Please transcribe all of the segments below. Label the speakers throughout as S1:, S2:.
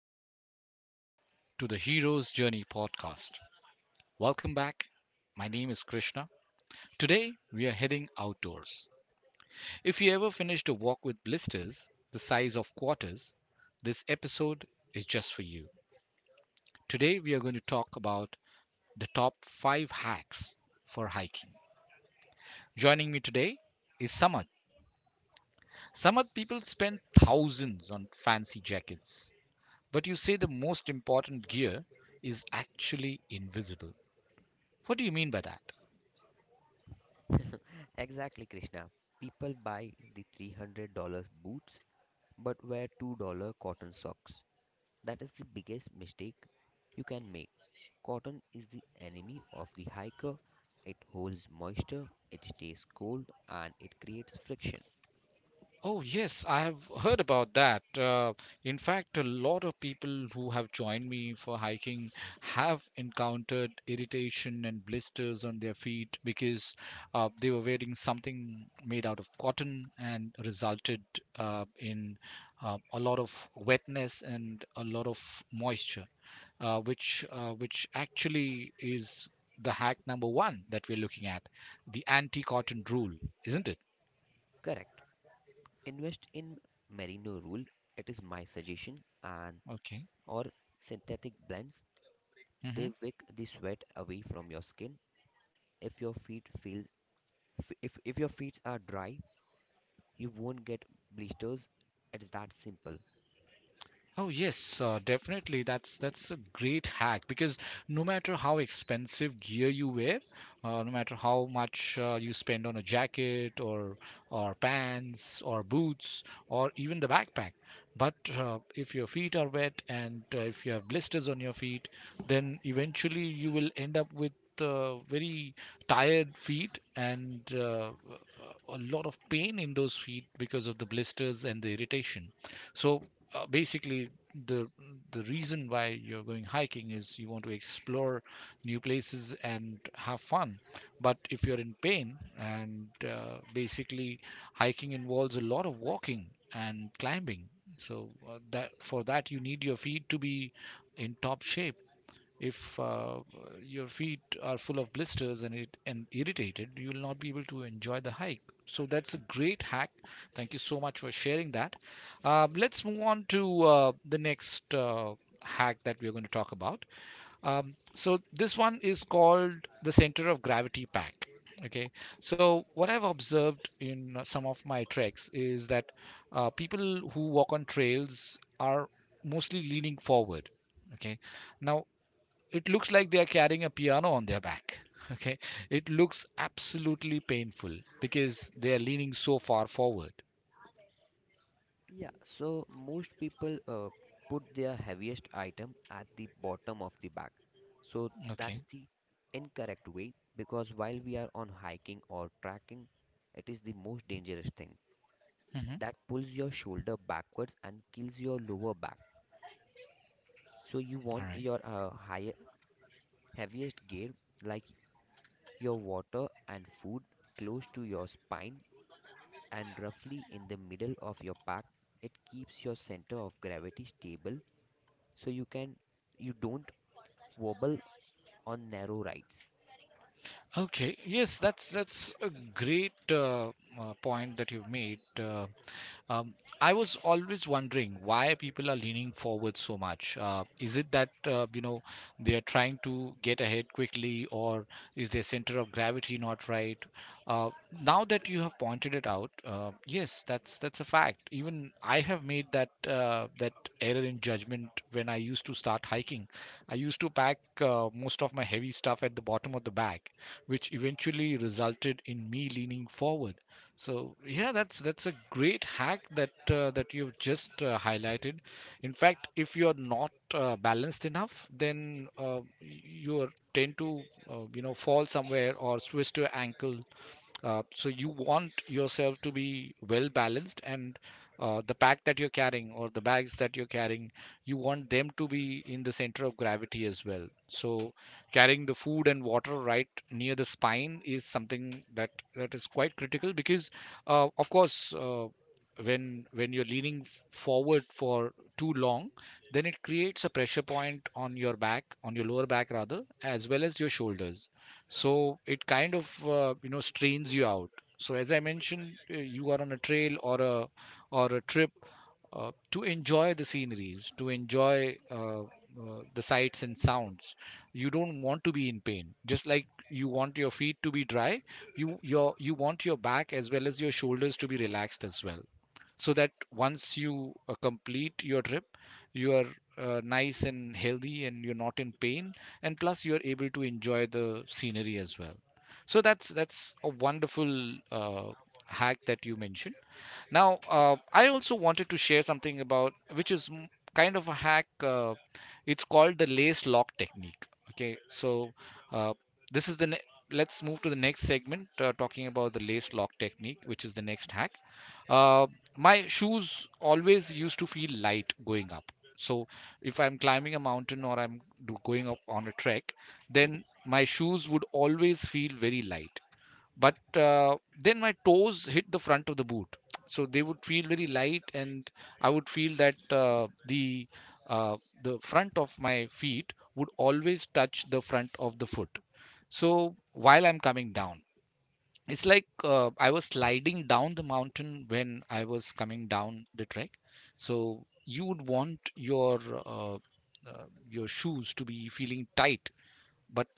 S1: and welcome back to the Hero's Journey podcast. Welcome back. My name is Krishna. Today, we are heading outdoors. If you ever finished a walk with blisters the size of quarters, this episode is just for you. Today, we are going to talk about the top five hacks for hiking. Joining me today is Samad. Samad, people spend thousands on fancy jackets, but you say the most important gear is actually invisible. What do you mean by that?
S2: Exactly, Krishna. People buy the $300 boots but wear $2 cotton socks. That is the biggest mistake you can make. Cotton is the enemy of the hiker. It holds moisture, it stays cold, and it creates friction.
S1: Oh, yes, I have heard about that. In fact, a lot of people who have joined me for hiking have encountered irritation and blisters on their feet because they were wearing something made out of cotton and resulted, in a lot of wetness and a lot of moisture, which actually is the hack number one that we're looking at, the anti-cotton rule, isn't it?
S2: Correct. Invest in merino wool. It is my suggestion and
S1: Okay.
S2: or synthetic blends.
S1: Hmm.
S2: They wick the sweat away from your skin. If your feet feels if your feet are dry, you won't get blisters. It's that simple.
S1: Oh yes, definitely. That's a great hack because no matter how expensive gear you wear, no matter how much you spend on a jacket or pants or boots or even the backpack. But if your feet are wet and if you have blisters on your feet, then eventually you will end up with very tired feet and a lot of pain in those feet because of the blisters and the irritation. So basically, the the reason why you're going hiking is you want to explore new places and have fun. But if you're in pain, and basically hiking involves a lot of walking and climbing, so that for that you need your feet to be in top shape. If your feet are full of blisters and it and irritated, you will not be able to enjoy the hike. So that's a great hack. Thank you so much for sharing that. Let's move on to the next hack that we're going to talk about. So this one is called the center of gravity pack. Okay, so what I've observed in some of my treks is that people who walk on trails are mostly leaning forward. Okay, now it looks like they are carrying a piano on their back. Okay. It looks absolutely painful because they are leaning so far forward.
S2: Yeah, so most people put their heaviest item at the bottom of the bag. So that's
S1: Okay.
S2: the incorrect way because while we are on hiking or trekking, it is the most dangerous thing
S1: Hmm.
S2: that pulls your shoulder backwards and kills your lower back. So you
S1: All
S2: want
S1: right.
S2: your higher heaviest gear like your water and food close to your spine, and roughly in the middle of your pack. It keeps your center of gravity stable, so you can you don't wobble on narrow rides.
S1: Okay. Yes, that's a great, point that you've made. Um, I was always wondering why people are leaning forward so much. Is it that, they are trying to get ahead quickly, or is their center of gravity not right? Uh, Now that you have pointed it out, yes, that's a fact. Even I have made that, error in judgment when I used to start hiking. I used to pack most of my heavy stuff at the bottom of the bag, which eventually resulted in me leaning forward. So yeah, that's a great hack that, you've just highlighted. In fact, if you're not balanced enough, then you are tend to, fall somewhere or twist your ankle. So you want yourself to be well balanced, and the pack that you're carrying or the bags that you're carrying, you want them to be in the center of gravity as well. So carrying the food and water right near the spine is something that is quite critical because, of course, when you're leaning forward for too long, then it creates a pressure point on your back, on your lower back rather, as well as your shoulders. So it kind of, strains you out. So as I mentioned, you are on a trail or a trip to enjoy the sceneries, to enjoy the sights and sounds. You don't want to be in pain. Just like you want your feet to be dry, you want your back as well as your shoulders to be relaxed as well, so that once you complete your trip, you are nice and healthy and you're not in pain, and plus you're able to enjoy the scenery as well. So that's a wonderful hack that you mentioned. Now, I also wanted to share something about, which is kind of a hack. It's called the lace lock technique. Okay, so uh, this is the ne- let's move to the next segment, talking about the lace lock technique, which is the next hack. Uh, my shoes always used to feel light going up. So if I'm climbing a mountain or going up on a trek, then my shoes would always feel very light, but then my toes hit the front of the boot, so they would feel very light, and I would feel that, uh, the front of my feet would always touch the front of the foot. So while I'm coming down, it's like, I was sliding down the mountain when I was coming down the trek. So you would want your shoes to be feeling tight, but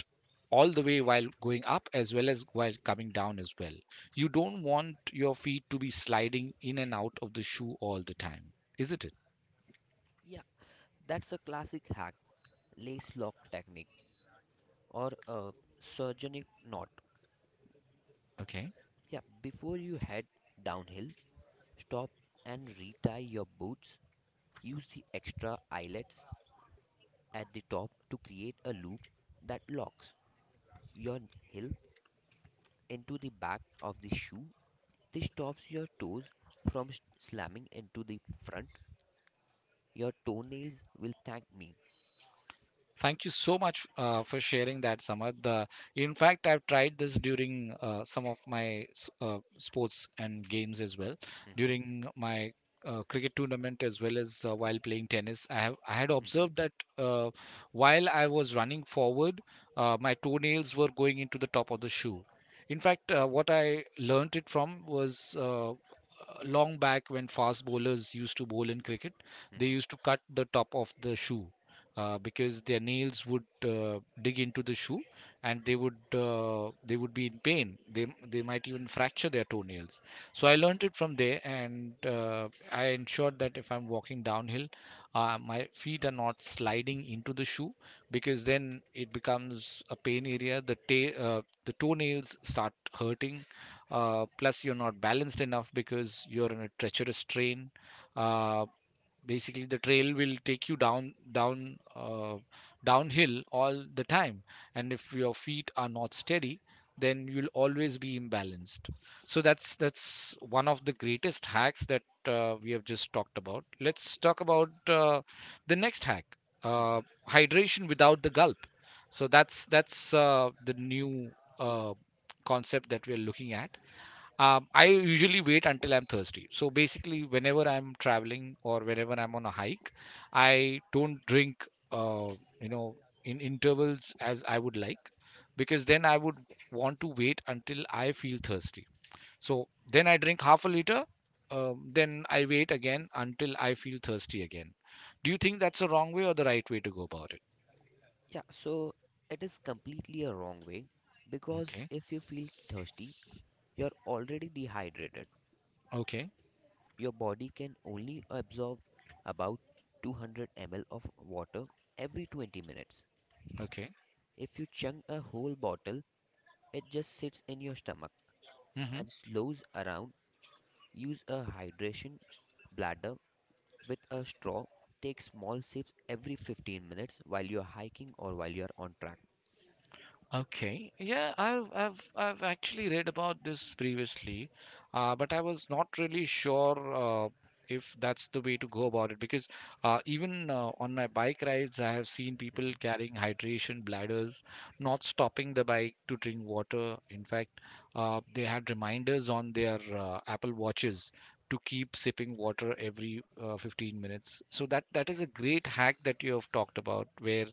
S1: all the way while going up as well as while coming down as well. You don't want your feet to be sliding in and out of the shoe all the time, isn't it?
S2: Yeah, that's a classic hack, lace lock technique, or a surgeonic knot.
S1: Okay.
S2: Yeah, before you head downhill, stop and retie your boots. Use the extra eyelets at the top to create a loop that locks your heel into the back of the shoe. This stops your toes from slamming into the front. Your toenails will thank me.
S1: Thank you so much for sharing that, Samad. In fact, I've tried this during some of my sports and games as well.
S2: Mhm,
S1: During my cricket tournament as well as while playing tennis, I had
S2: mhm,
S1: observed that uh, while I was running forward, my toenails were going into the top of the shoe. In fact, what I learnt it from was long back when fast bowlers used to bowl in cricket, they
S2: mhm,
S1: used to cut the top of the shoe because their nails would dig into the shoe, and they would be in pain. They might even fracture their toenails. So I
S2: mhm,
S1: learned it from there, and I ensured that if I'm walking downhill, my feet are not sliding into the shoe, because then it becomes a pain area. The toenails start hurting, plus you're not balanced enough because you're in a treacherous terrain. uh, Basically, the trail will take you downhill all the time, and if your feet are not steady, then you'll always be imbalanced. So that's one of the greatest hacks that, we have just talked about. Let's talk about the next hack, uh,
S2: mhm.
S1: hydration without the gulp. So that's the new uh, concept that we are looking at. I usually wait until I'm thirsty. So basically, whenever I'm traveling or whenever I'm on a hike, I don't drink, uh, you know, in intervals as I would like, because then I would want to wait until I feel thirsty. So then I drink half a liter, then I wait again until I feel thirsty again. Do you think that's the wrong way or the right way to go about it?
S2: Yeah, so it is completely a wrong way, because
S1: Okay,
S2: if you feel thirsty, you're already dehydrated.
S1: okay,
S2: Your body can only absorb about 200 ml of water every 20 minutes.
S1: okay.
S2: If you chug a whole bottle, it just sits in your stomach
S1: Hmm.
S2: and slows around. Use a hydration bladder with a straw. Take small sips every 15 minutes while you're hiking or while you're on track.
S1: Okay. Yeah, I've actually read about this previously, but I was not really sure if that's the way to go about it, because even on my bike rides, I have seen people
S2: Hmm.
S1: carrying hydration bladders, not stopping the bike to drink water. In fact, they had reminders on their Apple Watches to keep sipping water every 15 minutes. So that is a great hack that you have talked about, where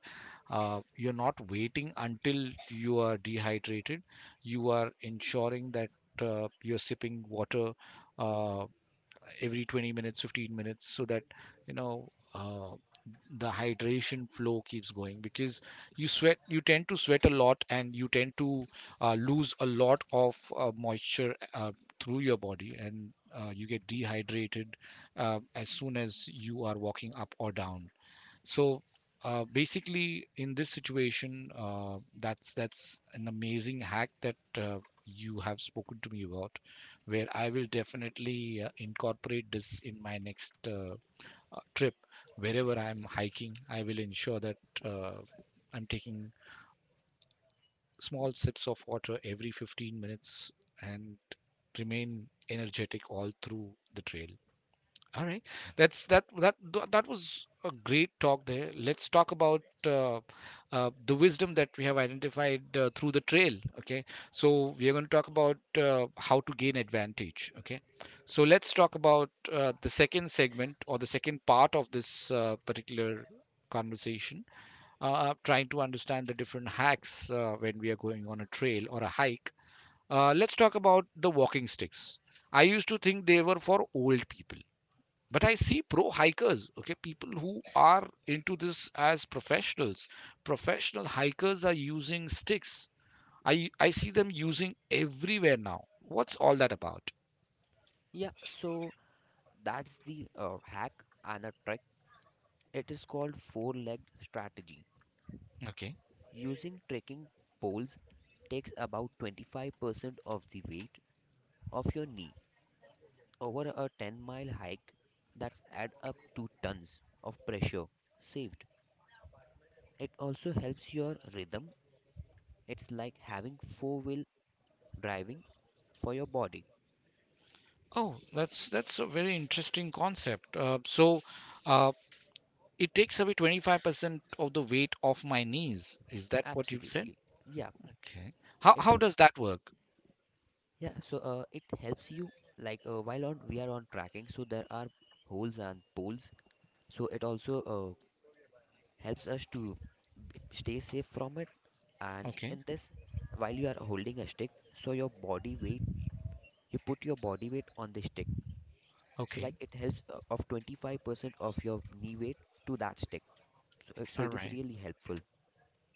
S1: you're not waiting until you are dehydrated. You are ensuring that, you're sipping water uh, every 20 minutes, 15 minutes, so that, you know uh, the hydration flow keeps going, because you tend to sweat a lot and you tend to lose a lot of moisture through your body, and you get dehydrated as soon as you are walking up or down. So basically, in this situation, that's an amazing hack that you have spoken to me about, where I will definitely incorporate this in my next trip. Wherever I'm hiking, I will ensure that uh, I'm taking small sips of water every 15 minutes and remain energetic all through the trail. All right. That's that that tha- That was a great talk there. Let's talk about the wisdom that we have identified through the trail. Okay. So we are going to talk about how to gain advantage. Okay. So let's talk about the second segment or the second part of this particular conversation. Trying to understand the different hacks when we are going on a trail or a hike. Let's talk about the walking sticks. I used to think they were for old people, but I see pro hikers, okay, people who are into this as professional hikers are using sticks. I i see them using everywhere. Now, what's all that about?
S2: Yeah, so that's the hack and a trick. It is called four legged strategy.
S1: Okay.
S2: Using trekking poles takes about 25% of the weight of your knee over a 10-mile hike. That's add up to tons of pressure saved. It also helps your rhythm. It's like having four-wheel driving for your body.
S1: Oh, that's a very interesting concept, so uh, it takes away 25% of the weight of my knees. Is that what you said?
S2: Absolutely. Yeah.
S1: Okay. how
S2: It
S1: how does that work?
S2: yeah, so it helps you like while on we are on tracking, so there are holes and poles. So it also helps us to stay safe from it. And
S1: Okay.
S2: in this, while you are holding a stick, so your body weight, you put your body weight on the stick. So
S1: Okay.
S2: like it helps of 25% of your knee weight to that stick. So
S1: All
S2: it is
S1: right.
S2: really helpful.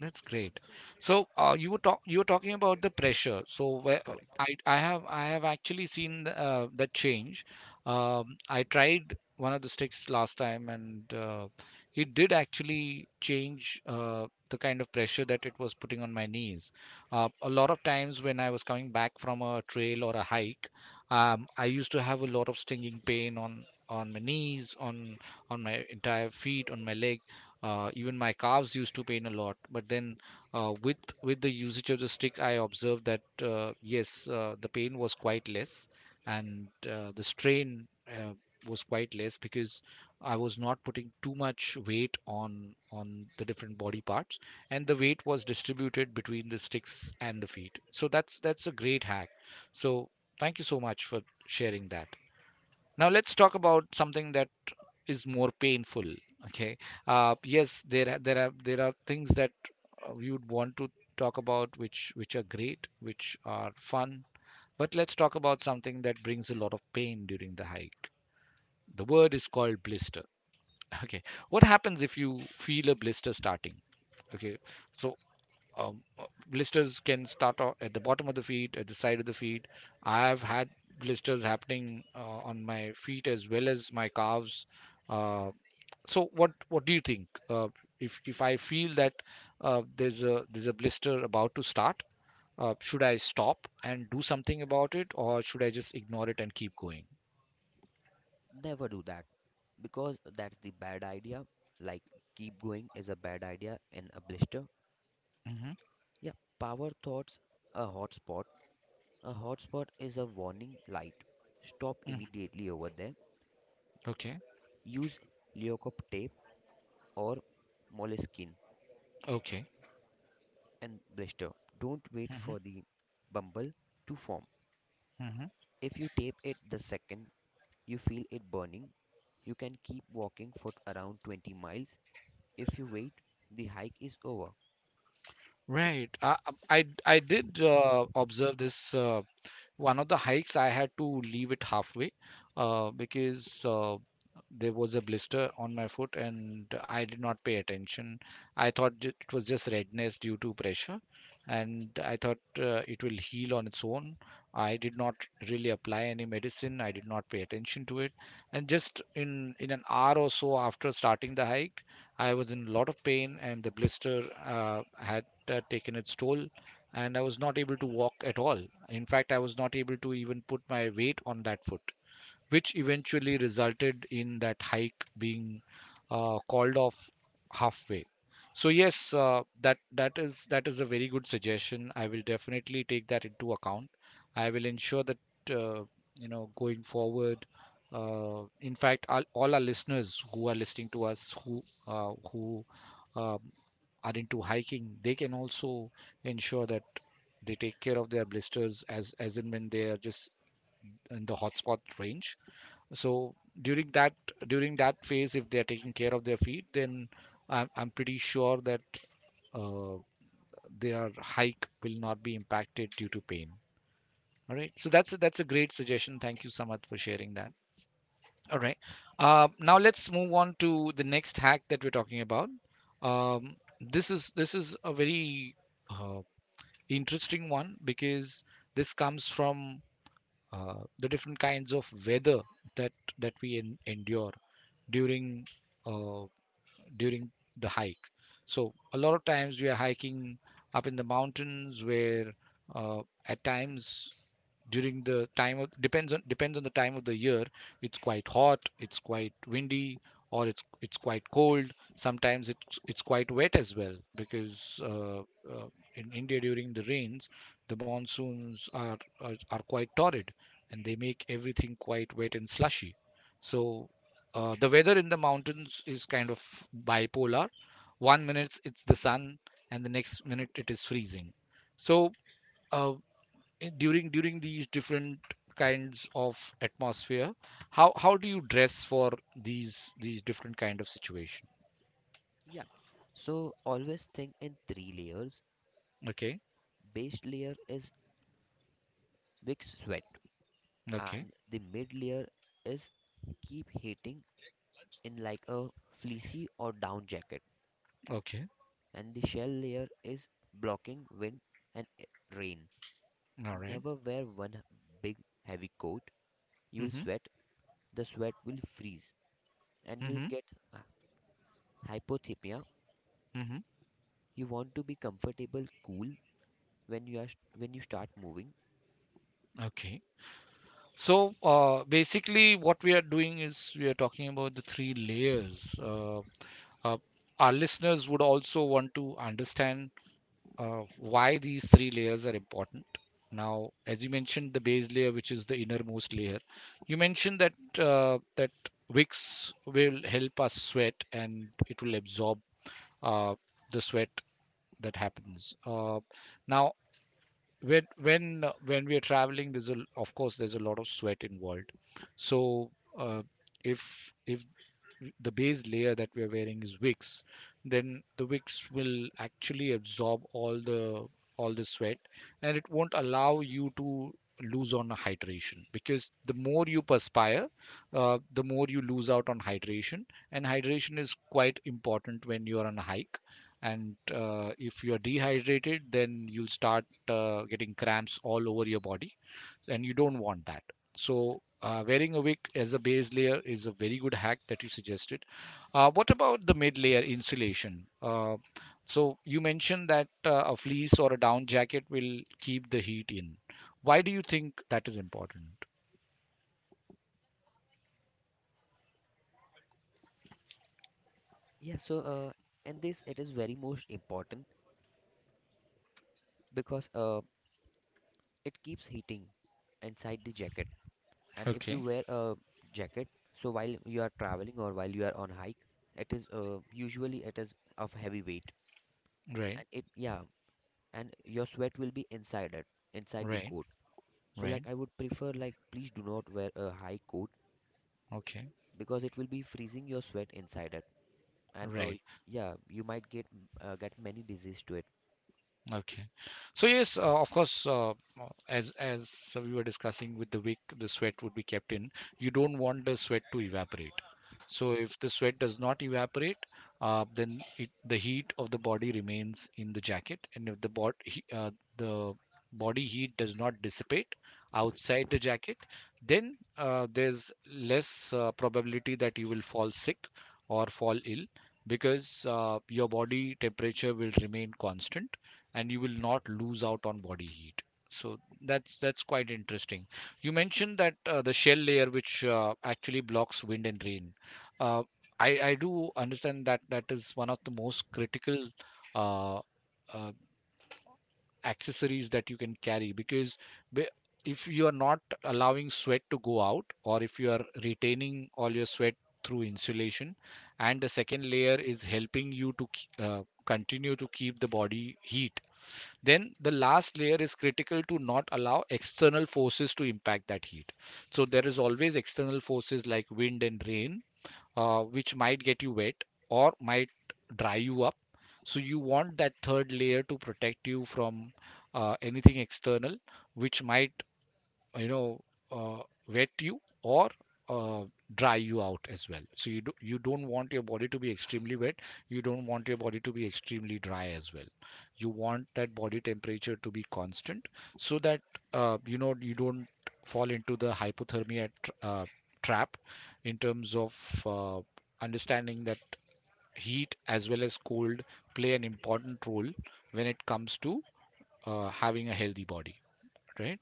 S1: That's great. So you were talking about the pressure. So where
S2: Correct.
S1: I have actually seen that change. I tried one of the sticks last time, and it did actually change the kind of pressure that it was putting on my knees. A lot of times when I was coming back from a trail or a hike, I used to have a lot of stinging pain on my knees, on my entire feet, on my legs, even my calves used to pain a lot. But then, with the usage of the stick, I observed that yes, the pain was quite less, and the strain was quite less because I was not putting too much weight on the different body parts, and the weight was distributed between the sticks and the feet. So that's a great hack. So thank you so much for sharing that. Now let's talk about something that is more painful. Okay. Yes, there are there are things that we would want to talk about, which are great, which are fun, but let's talk about something that brings a lot of pain during the hike. The word is called blister. Okay. What happens if you feel a blister starting? Okay, so um, uh, blisters can start at the bottom of the feet, at the side of the feet. I've had blisters happening on my feet as well as my calves. Uh, so what do you think, if I feel that there's a blister about to start? Should I stop and do something about it, or should I just ignore it and keep going?
S2: Never do that, because that's the bad idea. Like keep going is a bad idea in a blister.
S1: Hmm.
S2: Yeah, power thoughts a hotspot. A hotspot is a warning light. Stop
S1: Hmm.
S2: immediately over there.
S1: Okay.
S2: Use leocop tape or moleskin
S1: Okay.
S2: and blister. Don't wait
S1: Hmm.
S2: for the bumble to form.
S1: Hmm.
S2: If you tape it the second you feel it burning, you can keep walking for around 20 miles. If you wait, the hike is over.
S1: Right. I i, I I did observe this. One of the hikes I had to leave it halfway, because there was a blister on my foot and I did not pay attention. I thought it was just redness due to pressure and I thought it will heal on its own. I did not really apply any medicine. I did not pay attention to it. And just in an hour or so after starting the hike, I was in a lot of pain and the blister had taken its toll and I was not able to walk at all. In fact, I was not able to even put my weight on that foot, which eventually resulted in that hike being called off halfway. So yes, that is a very good suggestion. I will definitely take that into account. I will ensure that, uh, going forward. In fact, all our listeners who are listening to us, who uh, who um, are into hiking, they can also ensure that they take care of their blisters as and when they are just in the hotspot range. So during that during that phase, if they are taking care of their feet, then I'm pretty sure that uh, their hike will not be impacted due to pain. All right. So that's a great suggestion. Thank you, Samat, for sharing that. All right. Now let's move on to the next hack that we're talking about. This is a very uh, interesting one because this comes from the different kinds of weather that we endure during uh, during the hike. So a lot of times we are hiking up in the mountains where, at times, during the time of depends on the time of the year, it's quite hot, it's quite windy, or it's quite cold. Sometimes it's quite wet as well, because uh, in India during the rains the monsoons are quite torrid and they make everything quite wet and slushy. So the weather in the mountains is kind of bipolar. One minute it's the sun, and the next minute it is freezing. So uh, during these different kinds of atmosphere, how do you dress for these different kind of situation?
S2: Yeah. So always think in 3 layers.
S1: Okay,
S2: Base layer is big sweat,
S1: okay,
S2: and the mid layer is keep heating in like a fleecy or down jacket,
S1: okay.
S2: and the shell layer is blocking wind and rain.
S1: All right.
S2: Never wear one big heavy coat. You will
S1: Mm-hmm.
S2: sweat. The sweat will freeze, and you will
S1: Mm-hmm.
S2: get uh, hypothermia.
S1: Mm-hmm.
S2: You want to be comfortable, cool when you are when you start moving.
S1: Okay. So basically, what we are doing is we are talking about the three layers. Uh, our listeners would also want to understand why these three layers are important. Now, as you mentioned, the base layer, which is the innermost layer, you mentioned that Wicks will help us sweat and it will absorb uh, the sweat that happens. Now, when we are traveling, there's a of course there's a lot of sweat involved, so uh, if the base layer that we are wearing is wicks, then the wicks will actually absorb all the sweat, and it won't allow you to lose on hydration because the more you perspire, the more you lose out on hydration, and hydration is quite important when you're on a hike. And if you're dehydrated then you'll start getting cramps all over your body, and you don't want that. So wearing a wig as a base layer is a very good hack that you suggested. What about the mid layer insulation? So you mentioned that a fleece or a down jacket will keep the heat in. Why do you think that is important?
S2: Yeah, so in this it is very most important because it keeps heating inside the jacket. And if you
S1: Okay.
S2: wear a jacket, so while you are traveling or while you are on hike, it is usually it is of heavy weight,
S1: Right,
S2: and it yeah, and your sweat will be inside it, inside the
S1: right,
S2: coat. So
S1: right.
S2: like I would prefer like please do not wear a high coat,
S1: Okay,
S2: because it will be freezing your sweat inside it, and
S1: right.
S2: yeah, you might get many disease to it.
S1: Okay. So yes, of course, as we were discussing with the wick, the sweat would be kept in. You don't want the sweat to evaporate. So if the sweat does not evaporate, then the heat of the body remains in the jacket, and if the body heat does not dissipate outside the jacket, then there's less probability that you will fall sick or fall ill because your body temperature will remain constant and you will not lose out on body heat. So that's quite interesting. You mentioned that the shell layer, which actually blocks wind and rain, uh, I do understand that that is one of the most critical uh, uh, accessories that you can carry, because if you are not allowing sweat to go out, or if you are retaining all your sweat through insulation, and the second layer is helping you to continue to keep the body heat, then the last layer is critical to not allow external forces to impact that heat. So there is always external forces like wind and rain, which might get you wet or might dry you up. So you want that third layer to protect you from anything external, which might you know uh, wet you or uh, dry you out as well. So you don't want your body to be extremely wet, you don't want your body to be extremely dry as well. You want that body temperature to be constant so that, you don't fall into the hypothermia tr trap, in terms of uh, understanding that heat as well as cold play an important role when it comes to having a healthy body. Right.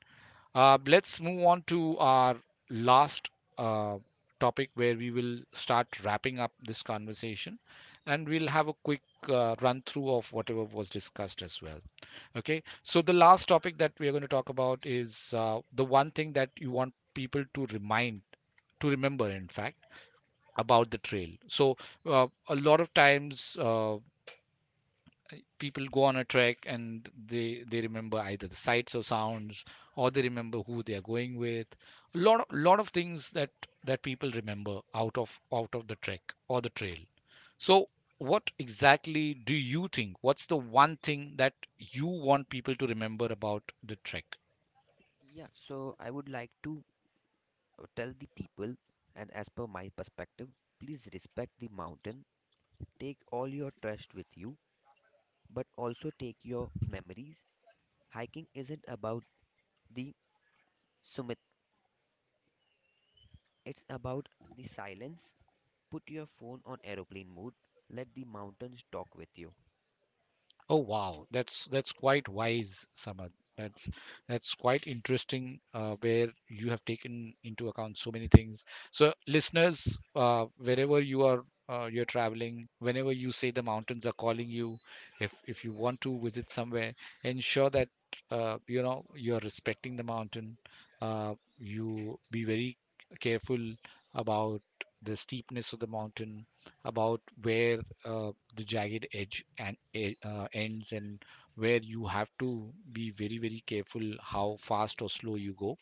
S1: Let's move on to our last uh, topic, where we will start wrapping up this conversation and we'll have a quick run through of whatever was discussed as well. Okay, so the last topic that we are going to talk about is the one thing that you want people to remind, to remember, in fact, about the trail. So, a lot of times, people go on a trek and they remember either the sights or sounds, or they remember who they are going with. A lot of things that people remember out of the trek or the trail. So what exactly do you think, what's the one thing that you want people to remember about the trek?
S2: Yeah, so I would like to tell the people, and as per my perspective, please respect the mountain. Take all your trash with you, but also take your memories. Hiking isn't about the summit, it's about the silence. Put your phone on aeroplane mode, let the mountains talk with you.
S1: Oh wow, that's quite wise, Samad. That's that's quite interesting, where you have taken into account so many things. So, listeners, wherever you are, you're traveling, whenever you say the mountains are calling you, if you want to visit somewhere, ensure that you are respecting the mountain. You be very careful about the steepness of the mountain, about where uh, the jagged edge ends and where you have to be very very careful how fast or slow you go.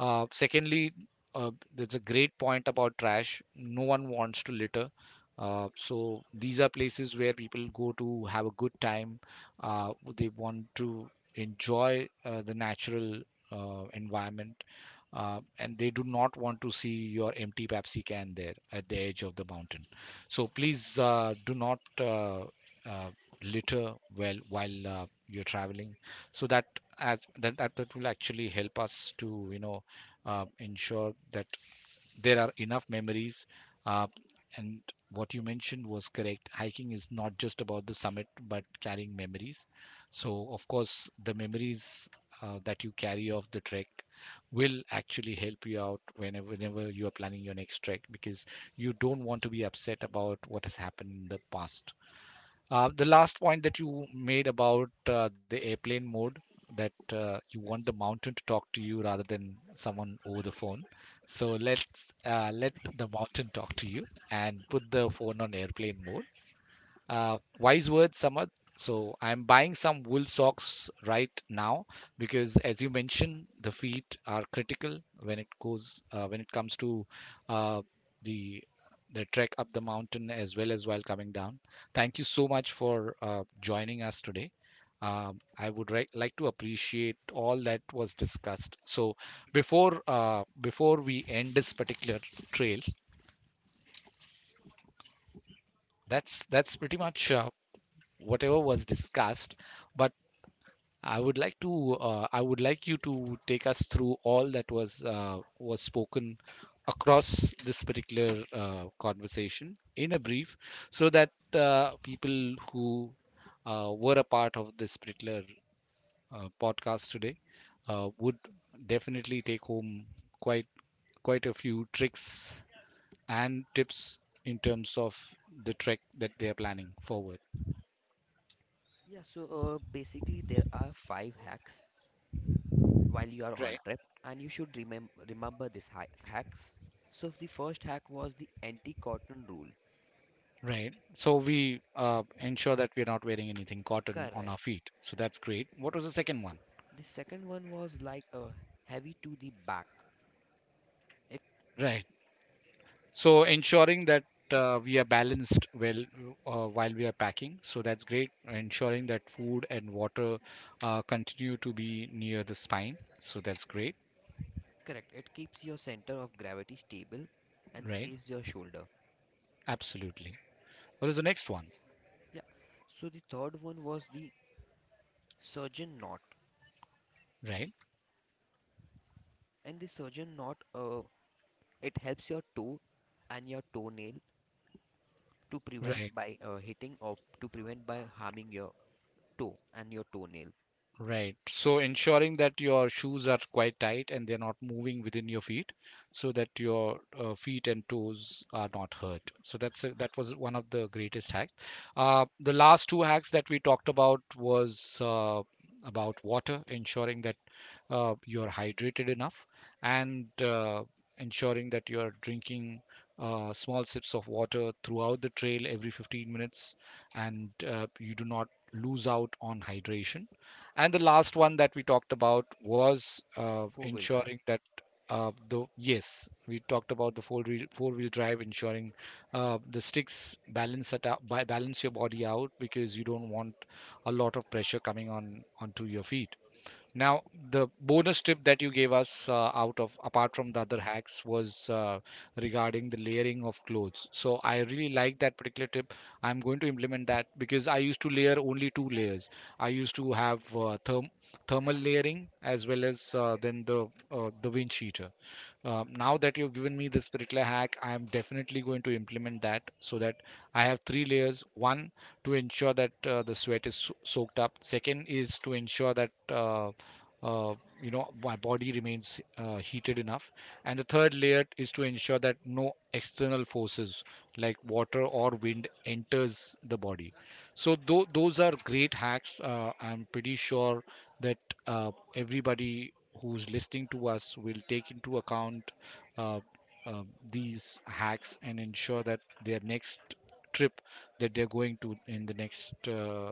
S1: Secondly, there's a great point about trash. No one wants to litter. So these are places where people go to have a good time. They want to enjoy the natural environment, and they do not want to see your empty Pepsi can there at the edge of the mountain. So please do not uh, litter well while you're traveling, so that that will actually help us to ensure that there are enough memories. Uh, and what you mentioned was correct. Hiking is not just about the summit, but carrying memories. So, of course, the memories that you carry of the trek will actually help you out whenever you are planning your next trek, because you don't want to be upset about what has happened in the past. The last point that you made about the airplane mode, that you want the mountain to talk to you rather than someone over the phone. So let the mountain talk to you and put the phone on airplane mode. Wise words, Samad. So I'm buying some wool socks right now because, as you mentioned, the feet are critical when it goes when it comes to uh, the the trek up the mountain as well as while coming down. Thank you so much for joining us today. Like to appreciate all that was discussed. So before we end this particular trail, that's pretty much whatever was discussed. But I would like you to take us through all that was spoken across this particular conversation in a brief, so that people who were a part of this particular podcast today would definitely take home quite quite a few tricks and tips in terms of the trek that they are planning forward.
S2: Yeah, so basically, there are 5 hacks while you are
S1: Right?
S2: on trip, and you should remember these hacks. So, the first hack was the anti cotton rule.
S1: Right. So we ensure that we're not wearing anything cotton on our
S2: Correct.
S1: feet. So that's great. What was the second one?
S2: The second one was like a heavy to the back. It
S1: Right. So ensuring that we are balanced well while we are packing. So that's great. Ensuring that food and water continue to be near the spine. So that's great.
S2: correct. It keeps your center of gravity stable and
S1: Right.
S2: saves your shoulder.
S1: Absolutely. What is the next one?
S2: Yeah. So the third one was the surgeon knot.
S1: Right.
S2: And the surgeon knot, it helps your toe and your toenail to prevent
S1: Right.
S2: by hitting or to prevent by harming your toe and your toenail.
S1: Right. So ensuring that your shoes are quite tight and they're not moving within your feet, so that your feet and toes are not hurt. That was one of the greatest hacks. The last two hacks that we talked about was about water, ensuring that you're hydrated enough, and ensuring that you're drinking small sips of water throughout the trail every 15 minutes, and you do not lose out on hydration. And the last one that we talked about was
S2: Four-wheel drive.
S1: ensuring that we talked about the four wheel drive, ensuring the sticks balance it out, balance your body out because you don't want a lot of pressure coming on onto your feet. Now, the bonus tip that you gave us, out of apart from the other hacks, was regarding the layering of clothes. So I really like that particular tip. I'm going to implement that because I used to layer only two layers. I used to have thermal layering as well as then the wind cheater. Now that you've given me this particular hack, I am definitely going to implement that so that I have three layers. One to ensure that the sweat is soaked up. Second is to ensure that uh, my body remains heated enough, and the third layer is to ensure that no external forces like water or wind enters the body. So those are great hacks. I'm pretty sure that uh, everybody who's listening to us will take into account uh, uh, these hacks and ensure that their next trip that they're going to, in the next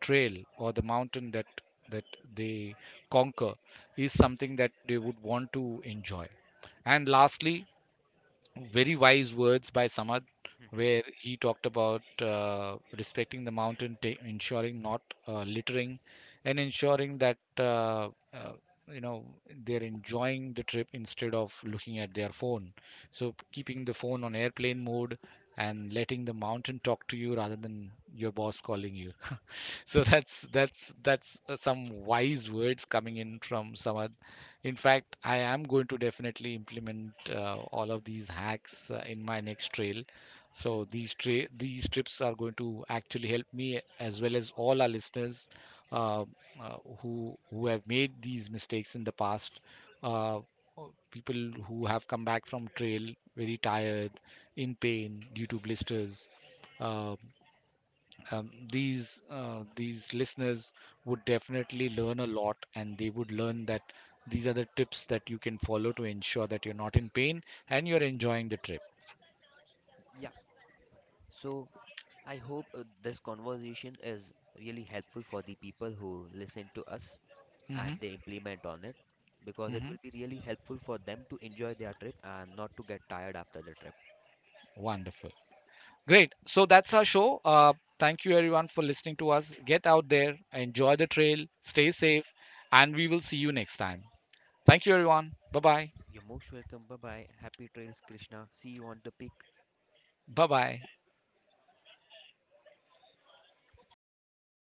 S1: trail or the mountain that that they conquer, is something that they would want to enjoy. And lastly, very wise words by Samad,
S2: Hmm.
S1: where he talked about respecting the mountain, ensuring not littering, and ensuring that you know they're enjoying the trip instead of looking at their phone. So keeping the phone on airplane mode and letting the mountain talk to you rather than your boss calling you. So that's some wise words coming in from Samad. In fact, I am going to definitely implement all of these hacks in my next trail. So these trips are going to actually help me as well as all our listeners, uh, who have made these mistakes in the past. Uh, or people who have come back from trail very tired, in pain due to blisters, uh, these listeners would definitely learn a lot, and they would learn that these are the tips that you can follow to ensure that you're not in pain and you're enjoying the trip.
S2: Yeah. So I hope this conversation is really helpful for the people who listen to us, and
S1: Hmm.
S2: they implement on it, because it
S1: Hmm.
S2: will be really helpful for them to enjoy their trip and not to get tired after the trip.
S1: Wonderful. Great. So that's our show. Thank you everyone for listening to us. Get out there, enjoy the trail, stay safe, and we will see you next time. Thank you everyone. Bye bye.
S2: You're most welcome. Bye bye. Happy trails, Krishna. See you on the peak.
S1: Bye bye.